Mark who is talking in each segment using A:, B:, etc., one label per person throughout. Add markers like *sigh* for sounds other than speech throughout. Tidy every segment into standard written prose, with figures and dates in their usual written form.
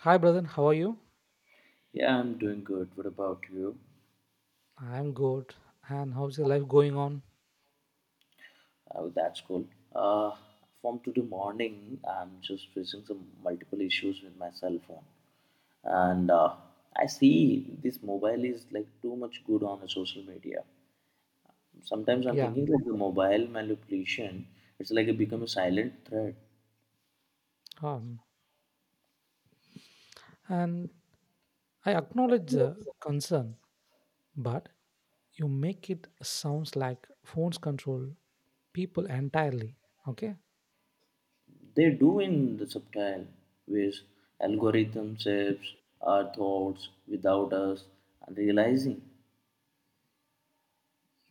A: Hi, brother. How are you?
B: Yeah, I'm doing good. What about you?
A: I'm good. And how's your life going on?
B: Oh, that's cool. Uh, from today morning, I'm just facing some multiple issues with my cell phone, and I see this mobile is like too much good on the social media. Sometimes I'm
A: Yeah.
B: thinking like the mobile manipulation. It's like it become a silent threat.
A: Um, and I acknowledge the concern, but you make it sounds like phones control people entirely. Okay.
B: They do in the subtle ways. Algorithm shapes our thoughts without us realizing.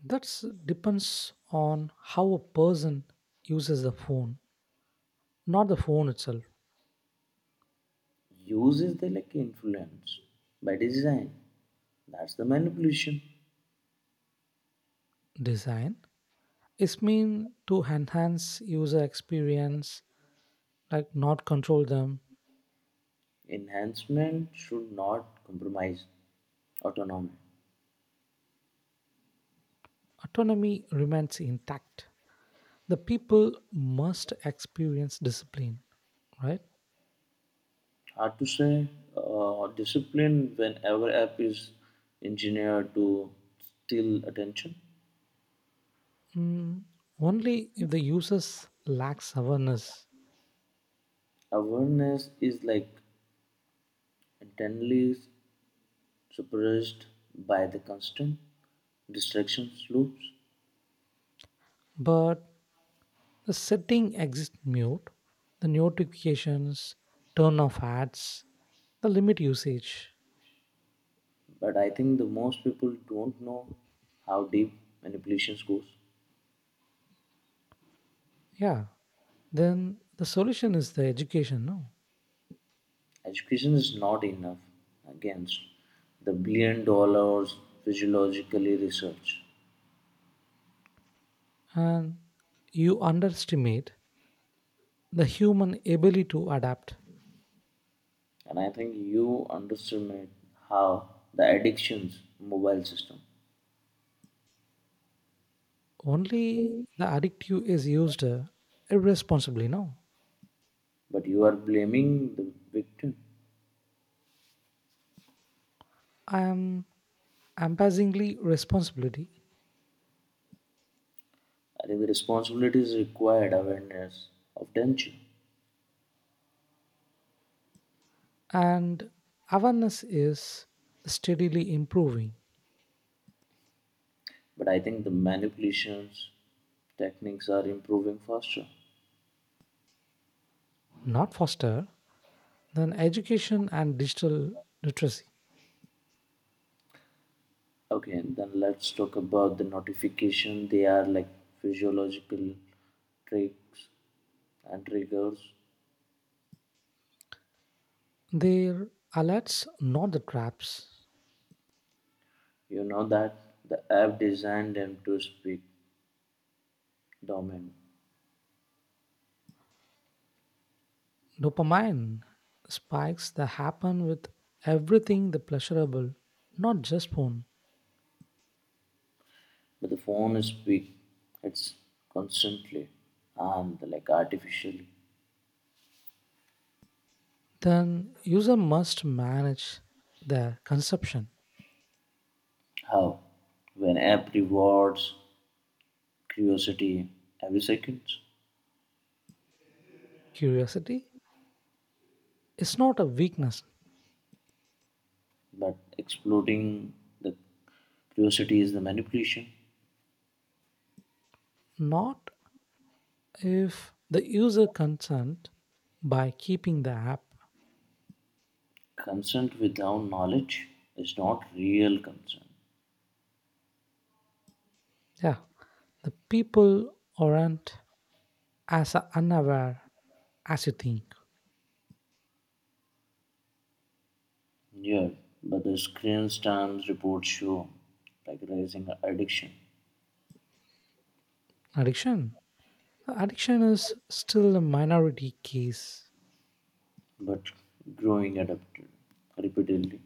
A: That's depends on how a person uses the phone, not the phone itself.
B: Uses the like influence by design. That's the manipulation.
A: Design is mean to enhance user experience, like not control them.
B: Enhancement should not compromise autonomy.
A: Autonomy remains intact the people must experience discipline, right?
B: Hard to say. Discipline whenever app is engineered to steal attention.
A: Mm, only if the users lacks awareness.
B: Awareness is like internally suppressed by the constant distractions loops.
A: But the setting exist mute, the notifications, turn off ads, the limit usage.
B: But I think the most people don't know how deep manipulations goes.
A: Yeah. Then the solution is the education, no?
B: Education is not enough against the billion dollars physiologically research.
A: And you underestimate the human ability to adapt.
B: And I think you underestimate how the addictions mobile system.
A: Only the addictive is used irresponsibly, no?
B: But you are blaming the victim.
A: I am embarrassingly responsibility
B: I think the responsibility is required awareness of danger.
A: and awareness is steadily improving
B: But I think the manipulations techniques are improving faster.
A: not faster than education and digital literacy
B: Okay, and then let's talk about the notification. They are like physiological tricks and triggers.
A: their alerts not the traps
B: You know that the app designed them to speak dominant,
A: dopamine spikes that happen with everything the pleasurable not just phone
B: but the phone speak it's constantly and like artificially.
A: then user must manage their consumption
B: How? When app rewards curiosity every second,
A: curiosity is not a weakness
B: but exploiting the curiosity is the manipulation.
A: not if the user consent by keeping the app
B: Consent without knowledge is not real consent.
A: yeah the people aren't as unaware as you think
B: Yeah, but the screen times reports show like rising addiction,
A: addiction addiction is still a minority case
B: but growing adapted repeatedly.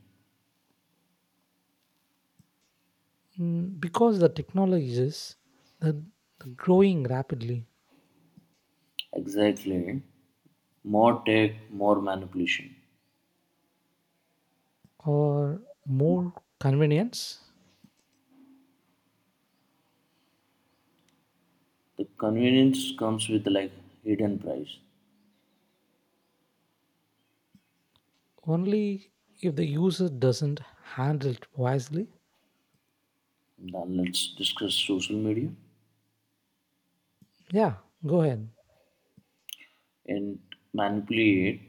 A: mm, because the technologies the, the growing rapidly
B: Exactly. More tech, more manipulation.
A: or more convenience
B: The convenience comes with like hidden price.
A: only if the user doesn't handle it wisely
B: Now let's discuss social media
A: yeah go ahead
B: and manipulate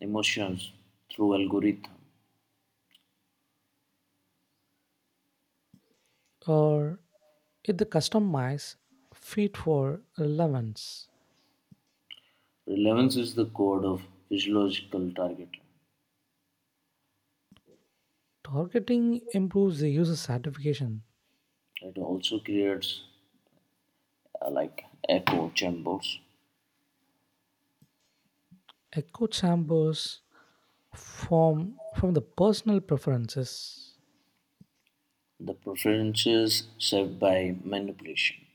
B: emotions through algorithm.
A: or if the fit for relevance,
B: Relevance is the code of physiological target.
A: targeting improves the user satisfaction.
B: It also creates like echo chambers.
A: Echo chambers form from the personal preferences,
B: The preferences set by manipulation.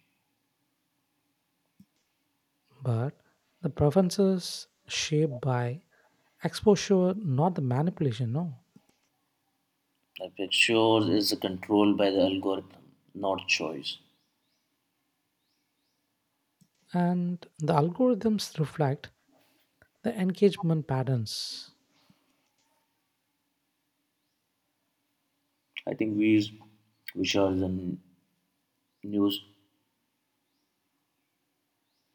A: but the preferences shaped by exposure, not the manipulation, no.
B: The picture is controlled by the algorithm, not choice.
A: And the algorithms reflect the engagement patterns.
B: I think we share the news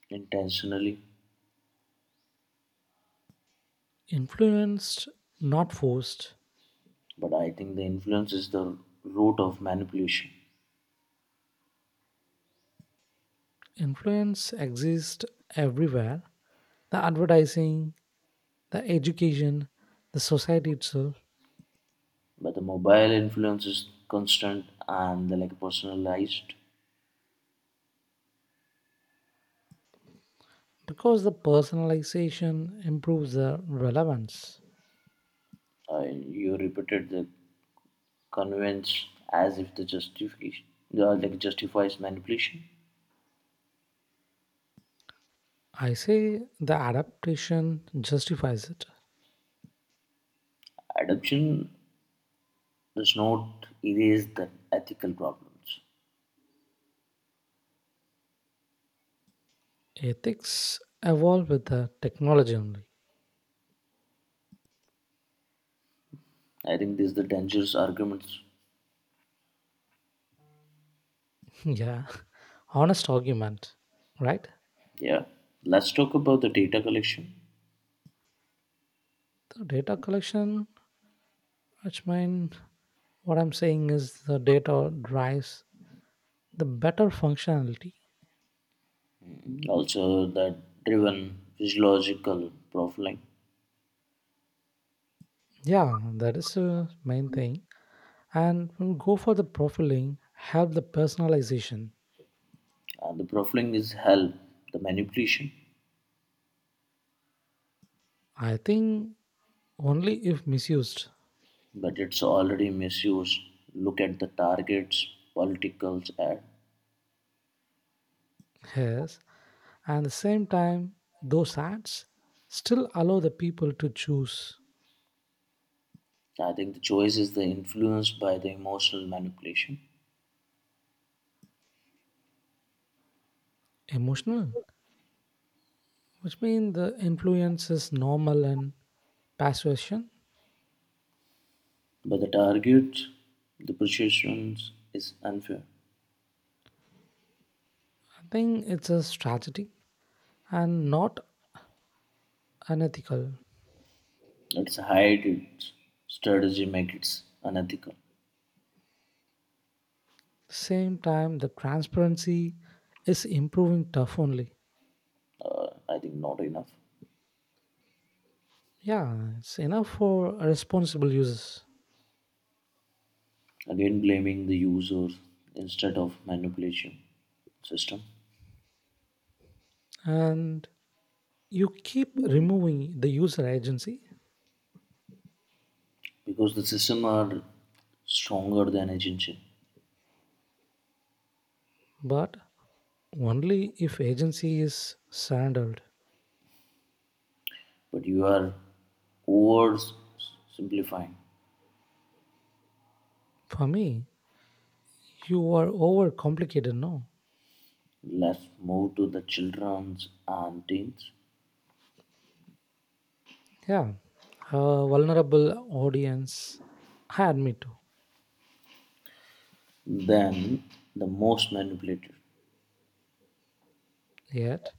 B: intentionally,
A: Influenced, not forced.
B: but I think the influence is the root of manipulation.
A: Influence exists everywhere. The advertising, the education, the society itself,
B: But the mobile influence is constant and the, like personalized.
A: because the personalization improves the relevance.
B: You repeated the convinced as if the justification like justifies manipulation.
A: I say the adaptation justifies it.
B: Adoption does not erase the ethical problems.
A: Ethics evolve with the technology only.
B: I think these are the dangerous arguments.
A: *laughs* Yeah, honest argument, right?
B: Yeah. Let's talk about the data collection.
A: The data collection, which means what I'm saying is the data drives the better functionality.
B: Also the driven physiological profiling.
A: Yeah, that is the main thing. And we'll go for the profiling, help the personalization.
B: The profiling is help the manipulation,
A: I think only if misused.
B: but it's already misused. Look at the targets, politicals ad.
A: Yes, and at the same time, those ads still allow the people to choose
B: I think the choice is the influenced by the emotional manipulation.
A: emotional, which means the influence is normal and persuasion.
B: But the target, the perception is unfair.
A: I think it's a strategy and not unethical.
B: Let's hide its strategy, make it unethical.
A: Same time, the transparency is improving tough only.
B: I think not enough.
A: Yeah, it's enough for responsible users,
B: Again, blaming the user instead of manipulation system
A: and you keep removing the user agency,
B: because the system are stronger than agency.
A: but only if agency is surrendered.
B: But you are over simplifying.
A: For me, you are overcomplicated, no?
B: Let's move to the children's and teens.
A: Yeah, a vulnerable audience. I admit to.
B: Then the most manipulated.
A: Yet,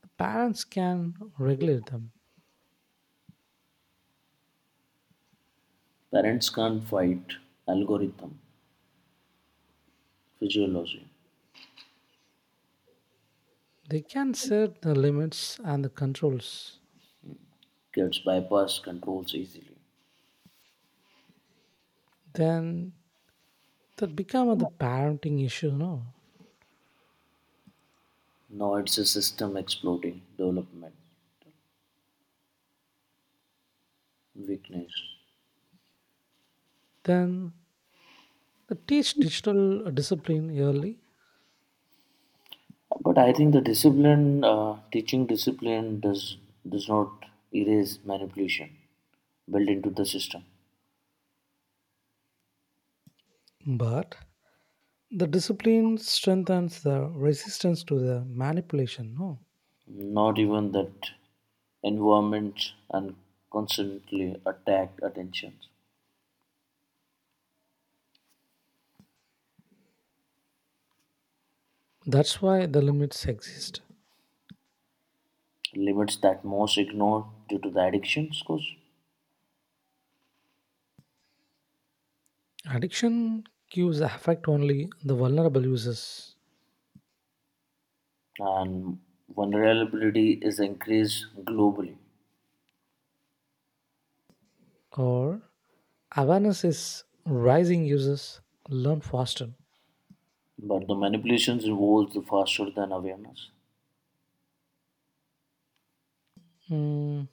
A: the parents can regulate them.
B: Parents can't fight algorithm physiology
A: They can set the limits and the controls.
B: gets bypass controls easily.
A: Then that become the parenting issue, no?
B: Now it's a system exploding, development, weakness.
A: Then they teach digital discipline early,
B: But I think the discipline, teaching discipline, does not erase manipulation built into the system.
A: but the discipline strengthens the resistance to the manipulation, no?
B: Not even that environment and constantly attacked attentions.
A: That's why the limits exist.
B: Limits that most ignore due to the addictions, of course.
A: Addiction cues affect only the vulnerable users,
B: And vulnerability is increased globally.
A: or awareness is rising users learn faster.
B: But the manipulations evolves faster than awareness.
A: Mm,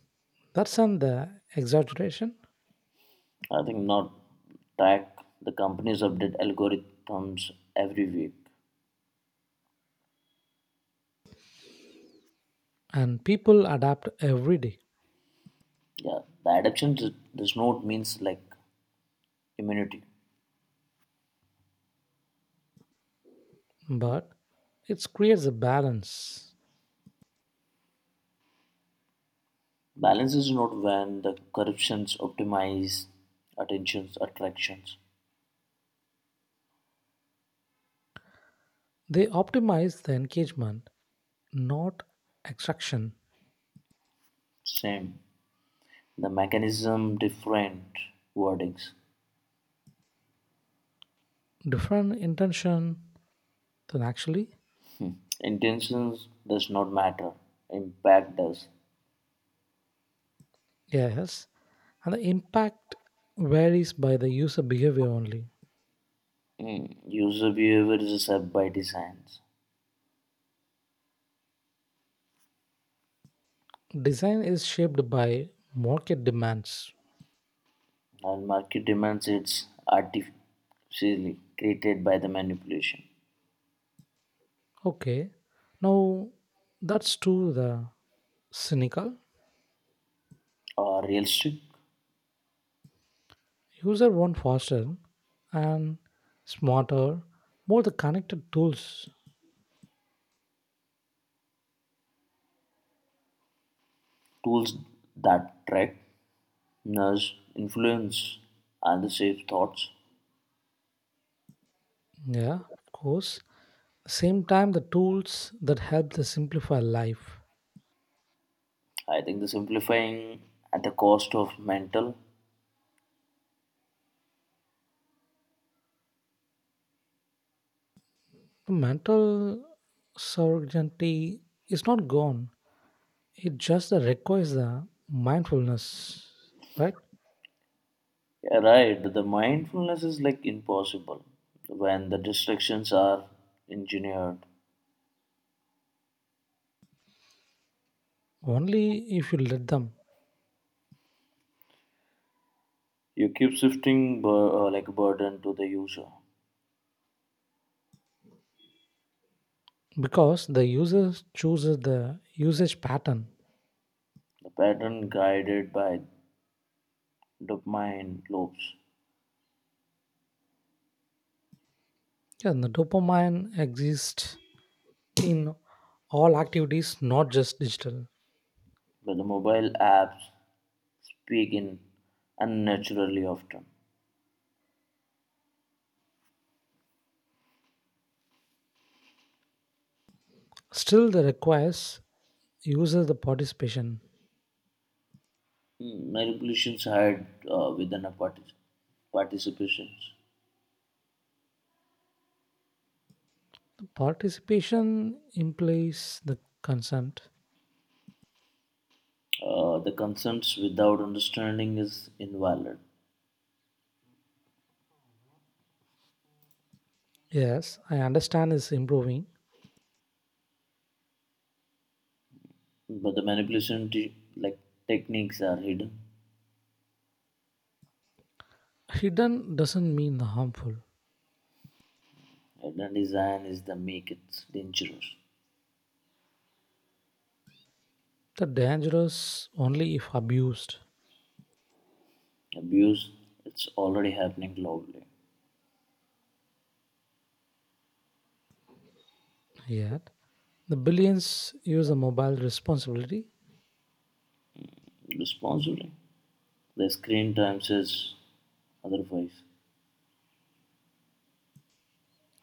A: that's an the exaggeration,
B: I think not tech, the companies update algorithms every week.
A: and people adapt every day,
B: Yeah, the adaptation does not means like immunity.
A: but it creates a balance.
B: Balance is not when the corruptions optimize attentions, attractions.
A: They optimize the engagement, not extraction.
B: Same. The mechanism different wordings.
A: Different intention than actually
B: Intentions does not matter. Impact does.
A: yes, and the impact varies by the user behavior only.
B: User behavior is a set by design.
A: Design is shaped by market demands.
B: And market demands it's artificially created by the manipulation
A: Okay, now that's too the cynical.
B: or realistic
A: User want faster and smarter, more the connected tools.
B: tools that track, nudge, influence, and the shape thoughts.
A: Yeah, of course. Same time, the tools that help to simplify life.
B: I think the simplifying at the cost of mental.
A: The mental certainty is not gone. It just requires the mindfulness, right?
B: Yeah, right. The mindfulness is like impossible when the distractions are engineered.
A: Only if you let them,
B: You keep shifting like burden to the user.
A: because the user chooses the usage pattern.
B: The pattern guided by dopamine loops
A: Yeah, and the dopamine exists in all activities, not just digital.
B: but the mobile apps speak in unnaturally often.
A: Still, the requires user the participation.
B: Manipulations had within a participations.
A: The participation implies the consent.
B: The concerns without understanding is invalid,
A: Yes, I understand is improving.
B: but the manipulation like techniques are hidden.
A: Hidden doesn't mean the harmful.
B: Hidden design is the make it dangerous.
A: The dangerous only if abused.
B: Abuse, it's already happening globally.
A: Yet the billions use the mobile responsibility.
B: Responsibly, the screen time says otherwise.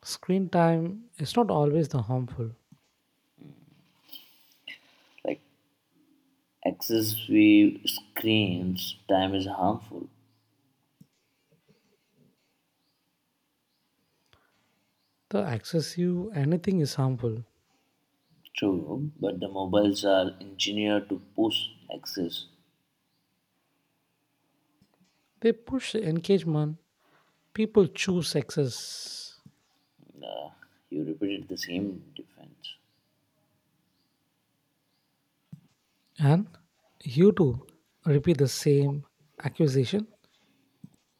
A: Screen time is not always the harmful.
B: Like excessive screen time is harmful,
A: The access you anything is harmful.
B: true, but the mobiles are engineered to push access.
A: They push engagement. People choose success.
B: Uh, you repeated the same defense
A: And you too repeat the same accusation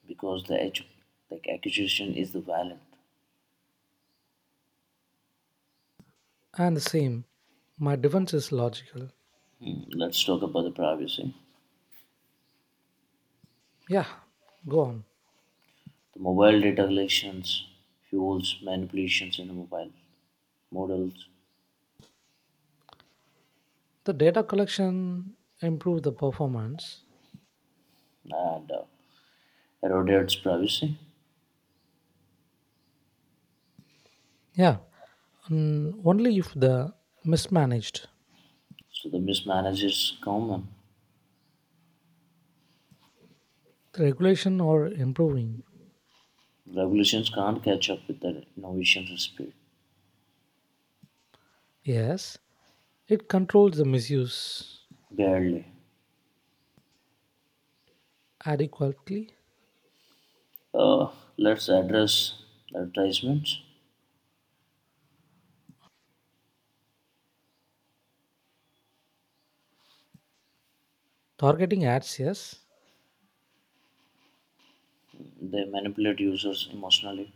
B: because the edge, like accusation is the violent.
A: and the same. My defense is logical.
B: Let's talk about the privacy.
A: Yeah, go on.
B: The mobile data collections fuels manipulations in the mobile models
A: The data collection improve the performance.
B: and erodates privacy.
A: Yeah, and only if the mismanaged
B: So the mismanage is common.
A: the regulation or improving.
B: Regulations can't catch up with the innovations speed.
A: Yes, it controls the misuse
B: Barely.
A: adequately.
B: Uh, let's address advertisements.
A: Targeting ads, yes,
B: They manipulate users emotionally.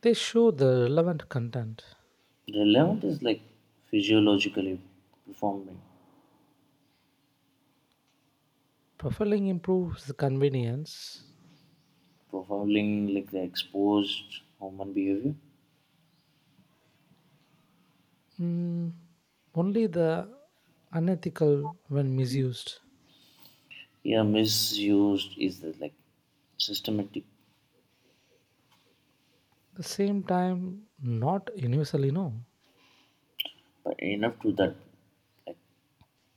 A: they show the relevant content.
B: The 11th is like physiologically performing,
A: Profiling improves the convenience.
B: profiling like the exposed human behavior.
A: Mm, only the unethical when misused.
B: Yeah, misused is the, like systematic,
A: The same time, not universally no.
B: but enough to that like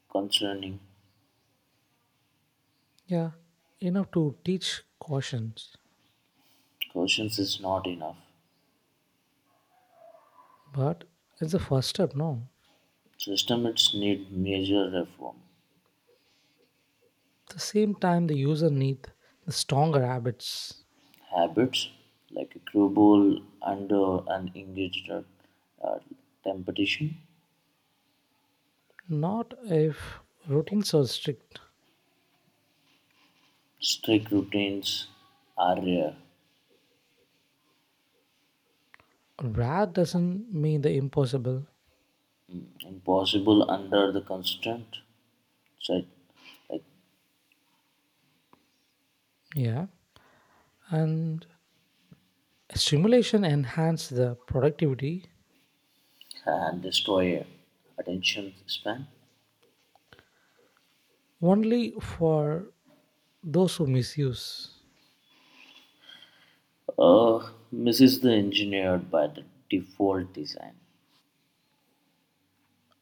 B: concerning
A: Yeah, enough to teach cautions,
B: cautions is not enough.
A: but it's the first step. No,
B: Systems need major reform.
A: at the same time the user need the stronger habits.
B: Habits like a cruel under and engaged at, uh, competition.
A: Not if routines are strict
B: Strict routines are rare,
A: rare doesn't mean the impossible.
B: impossible under the constant set like
A: Yeah. And stimulation enhance the productivity
B: and destroy attention span.
A: only for those who misuse.
B: Misses the engineered by the default design.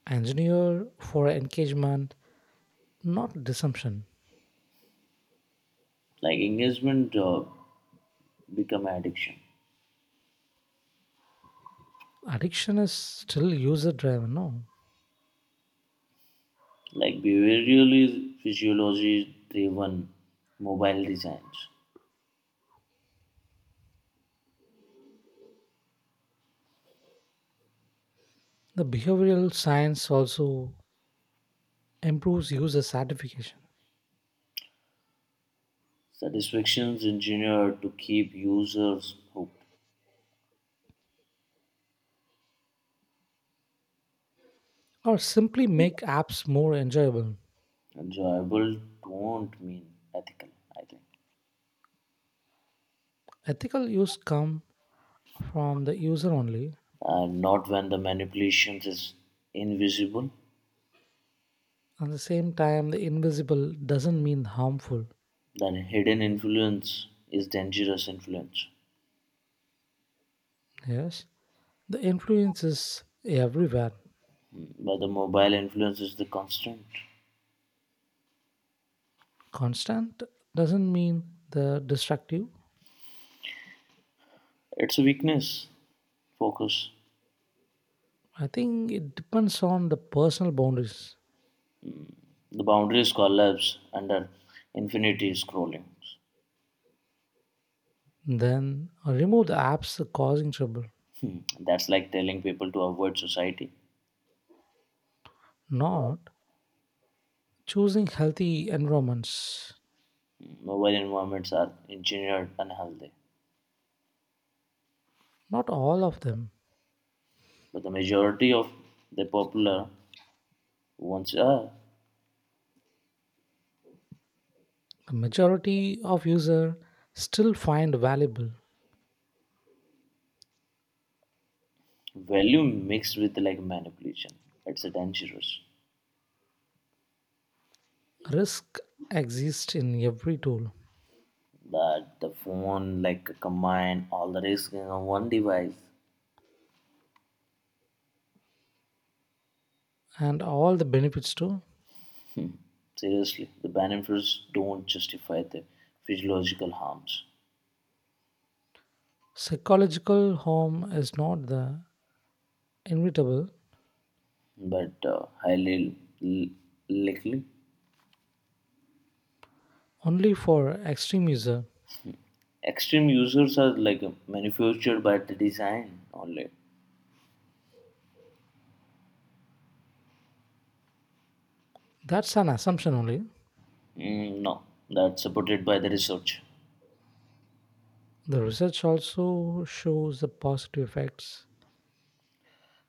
A: Engineer for engagement, not deception.
B: Like engagement become addiction.
A: Addiction is still user driven, no?
B: Like behaviorally physiology driven mobile designs.
A: The behavioral science also improves user satisfaction
B: Satisfactions engineered to keep users hooked.
A: or simply make apps more enjoyable.
B: Enjoyable don't mean ethical, I think.
A: Ethical use come from the user only.
B: And not when the manipulations is invisible,
A: At the same time, the invisible doesn't mean harmful.
B: then hidden influence is dangerous influence,
A: Yes, the influence is everywhere.
B: but the mobile influence is the constant,
A: Constant doesn't mean the destructive.
B: it's a weakness focus,
A: I think it depends on the personal boundaries.
B: the boundaries collapse under infinity scrolling.
A: Then remove the apps causing trouble,
B: Hmm. That's like telling people to avoid society.
A: not choosing healthy environments.
B: Mobile environments are engineered unhealthy,
A: Not all of them.
B: but the majority of the popular ones are
A: The majority of users still find valuable.
B: value mixed with like manipulation, it's a dangerous.
A: Risk exists in every tool
B: But the phone like combine all the risks in one device.
A: and all the benefits too.
B: Seriously, the benefits don't justify the physiological harms,
A: Psychological harm is not the inevitable
B: but highly l- likely
A: only for extreme user
B: extreme users are like manufactured by the design only.
A: that's an assumption only
B: Mm, no, that's supported by the research.
A: the research also shows the positive effects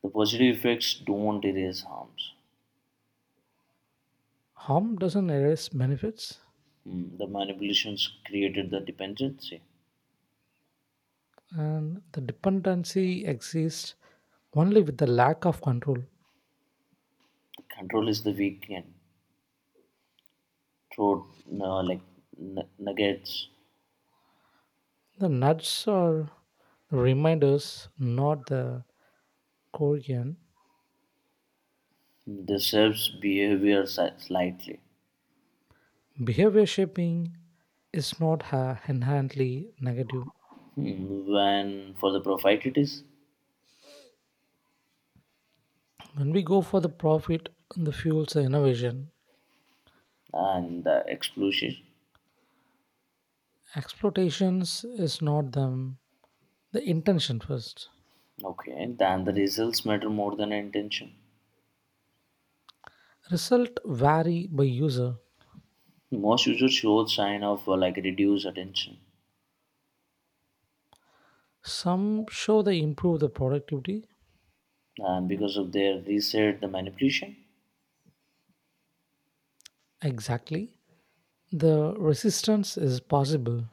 B: The positive effects don't erase harms.
A: harm doesn't erase benefits
B: The manipulations created the dependency.
A: and the dependency exists only with the lack of control
B: The control is the weak and throat like nuggets.
A: the nuts are the reminders not the korean
B: The shapes behavior slightly.
A: behavior shaping is not ha- inherently negative
B: Hmm. When for the profit it is
A: when we go for the profit the fuels the innovation
B: and the exclusion.
A: exploitations is not them the intention first.
B: Okay, then the results matter more than intention.
A: Result vary by user.
B: Most users show sign of like reduced attention,
A: Some show they improve the productivity.
B: and because of their reset, the manipulation,
A: Exactly. The resistance is possible.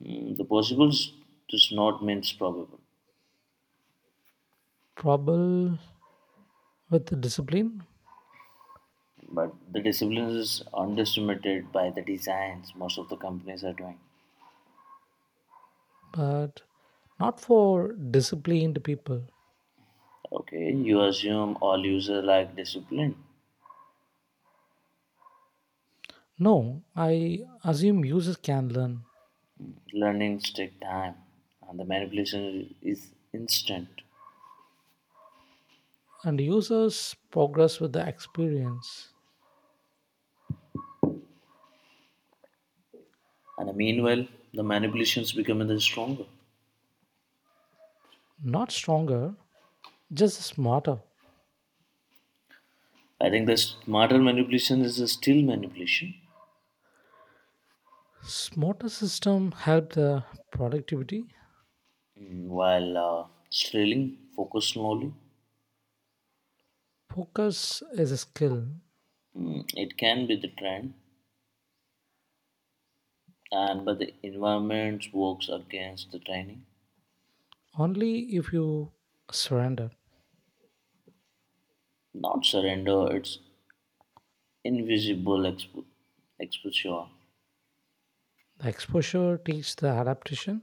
B: the possibles does not means probable.
A: Probable with the discipline,
B: But the discipline is underestimated by the designs most of the companies are doing.
A: but not for disciplined people.
B: Okay, you assume all user like discipline,
A: No, I assume users can learn
B: learnings take time and the manipulation is instant,
A: and users progress with the experience.
B: and meanwhile the manipulations become the stronger.
A: Not stronger, just smarter.
B: I think the smarter manipulation is still manipulation.
A: Smarter system help the productivity.
B: While trailing focus slowly.
A: Focus is a skill
B: It can be the trend, and but the environment works against the training.
A: only if you surrender.
B: Not surrender, it's invisible exposure,
A: The exposure teaches the adaptation.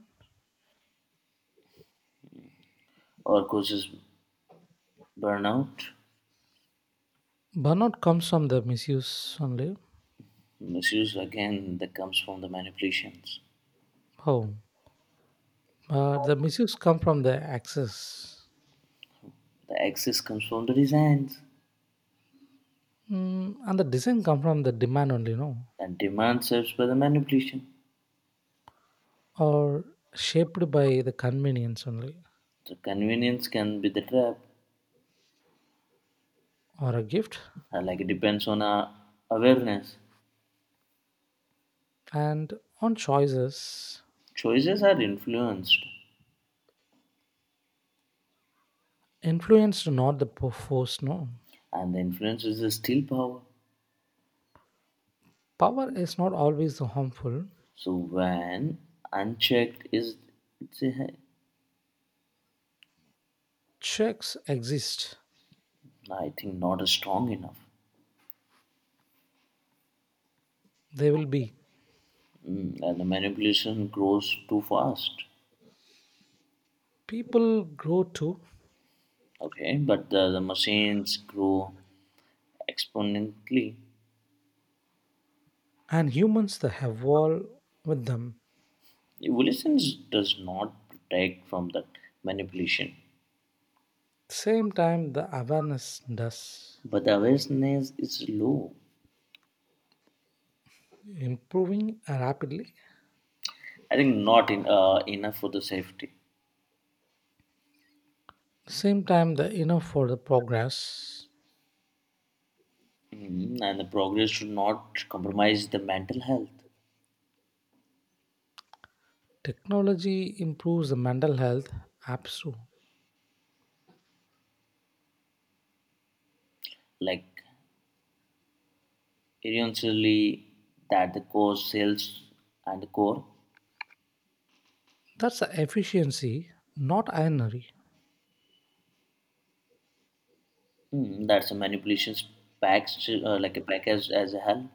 B: or causes burnout.
A: Burnout comes from the misuse only.
B: Misuse again that comes from the manipulations.
A: Oh, but the misuse come from the access,
B: The access comes from the designs,
A: mm, and the design come from the demand only. No,
B: and demand serves by the manipulation.
A: or shaped by the convenience only,
B: The convenience can be the trap,
A: or a gift,
B: like it depends on our awareness.
A: and on choices
B: Choices are influenced,
A: influenced not the force. No,
B: and the influence is the still power.
A: power is not always the harmful.
B: So when unchecked, is it's a,
A: Checks exist.
B: I think not a strong enough,
A: They will be.
B: and the manipulation grows too fast.
A: People grow too
B: Okay, but the machines grow exponentially.
A: and humans that evolve with them.
B: Evolution does not protect from that manipulation.
A: Same time the awareness does
B: But the awareness is low.
A: improving rapidly.
B: I think not in, enough for the safety.
A: Same time the enough for the progress.
B: Mhm. And the progress should not compromise the mental health.
A: Technology improves the mental health apps too.
B: Like, eventually, that the core sales and the core.
A: That's the efficiency, not ironery.
B: Mhm. That's a manipulations package, like a package as a help.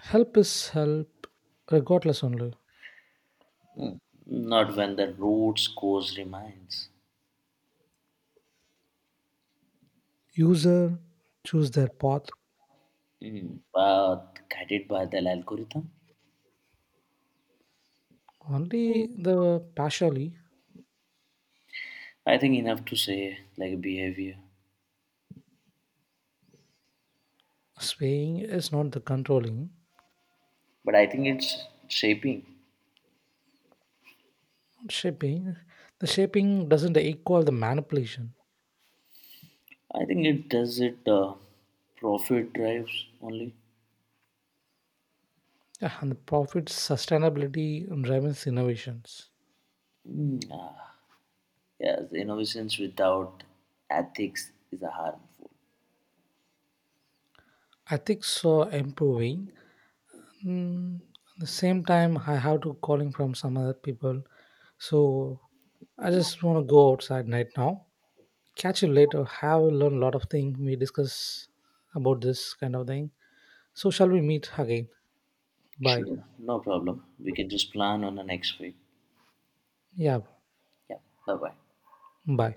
A: Help is help regardless only.
B: Not when the roots cause remains.
A: User choose their path.
B: Mhm. But guided by the algorithm.
A: Only the partially
B: I think enough to say like behavior,
A: swaying is not the controlling.
B: but I think it's shaping.
A: Shaping. The shaping doesn't equal the manipulation.
B: I think it does it profit drives only.
A: Yeah, and the profit sustainability drives innovations.
B: Uh, yes, innovations without ethics is a harmful.
A: Ethics are improving. Mm, at the same time, I have to calling from some other people. So I just want to go outside right now. Catch you later. Have learned a lot of things. We discuss about this kind of thing. So shall we meet again? Bye.
B: Sure. No problem. We can just plan on the next week.
A: Yeah.
B: Yeah. Bye bye.
A: Bye.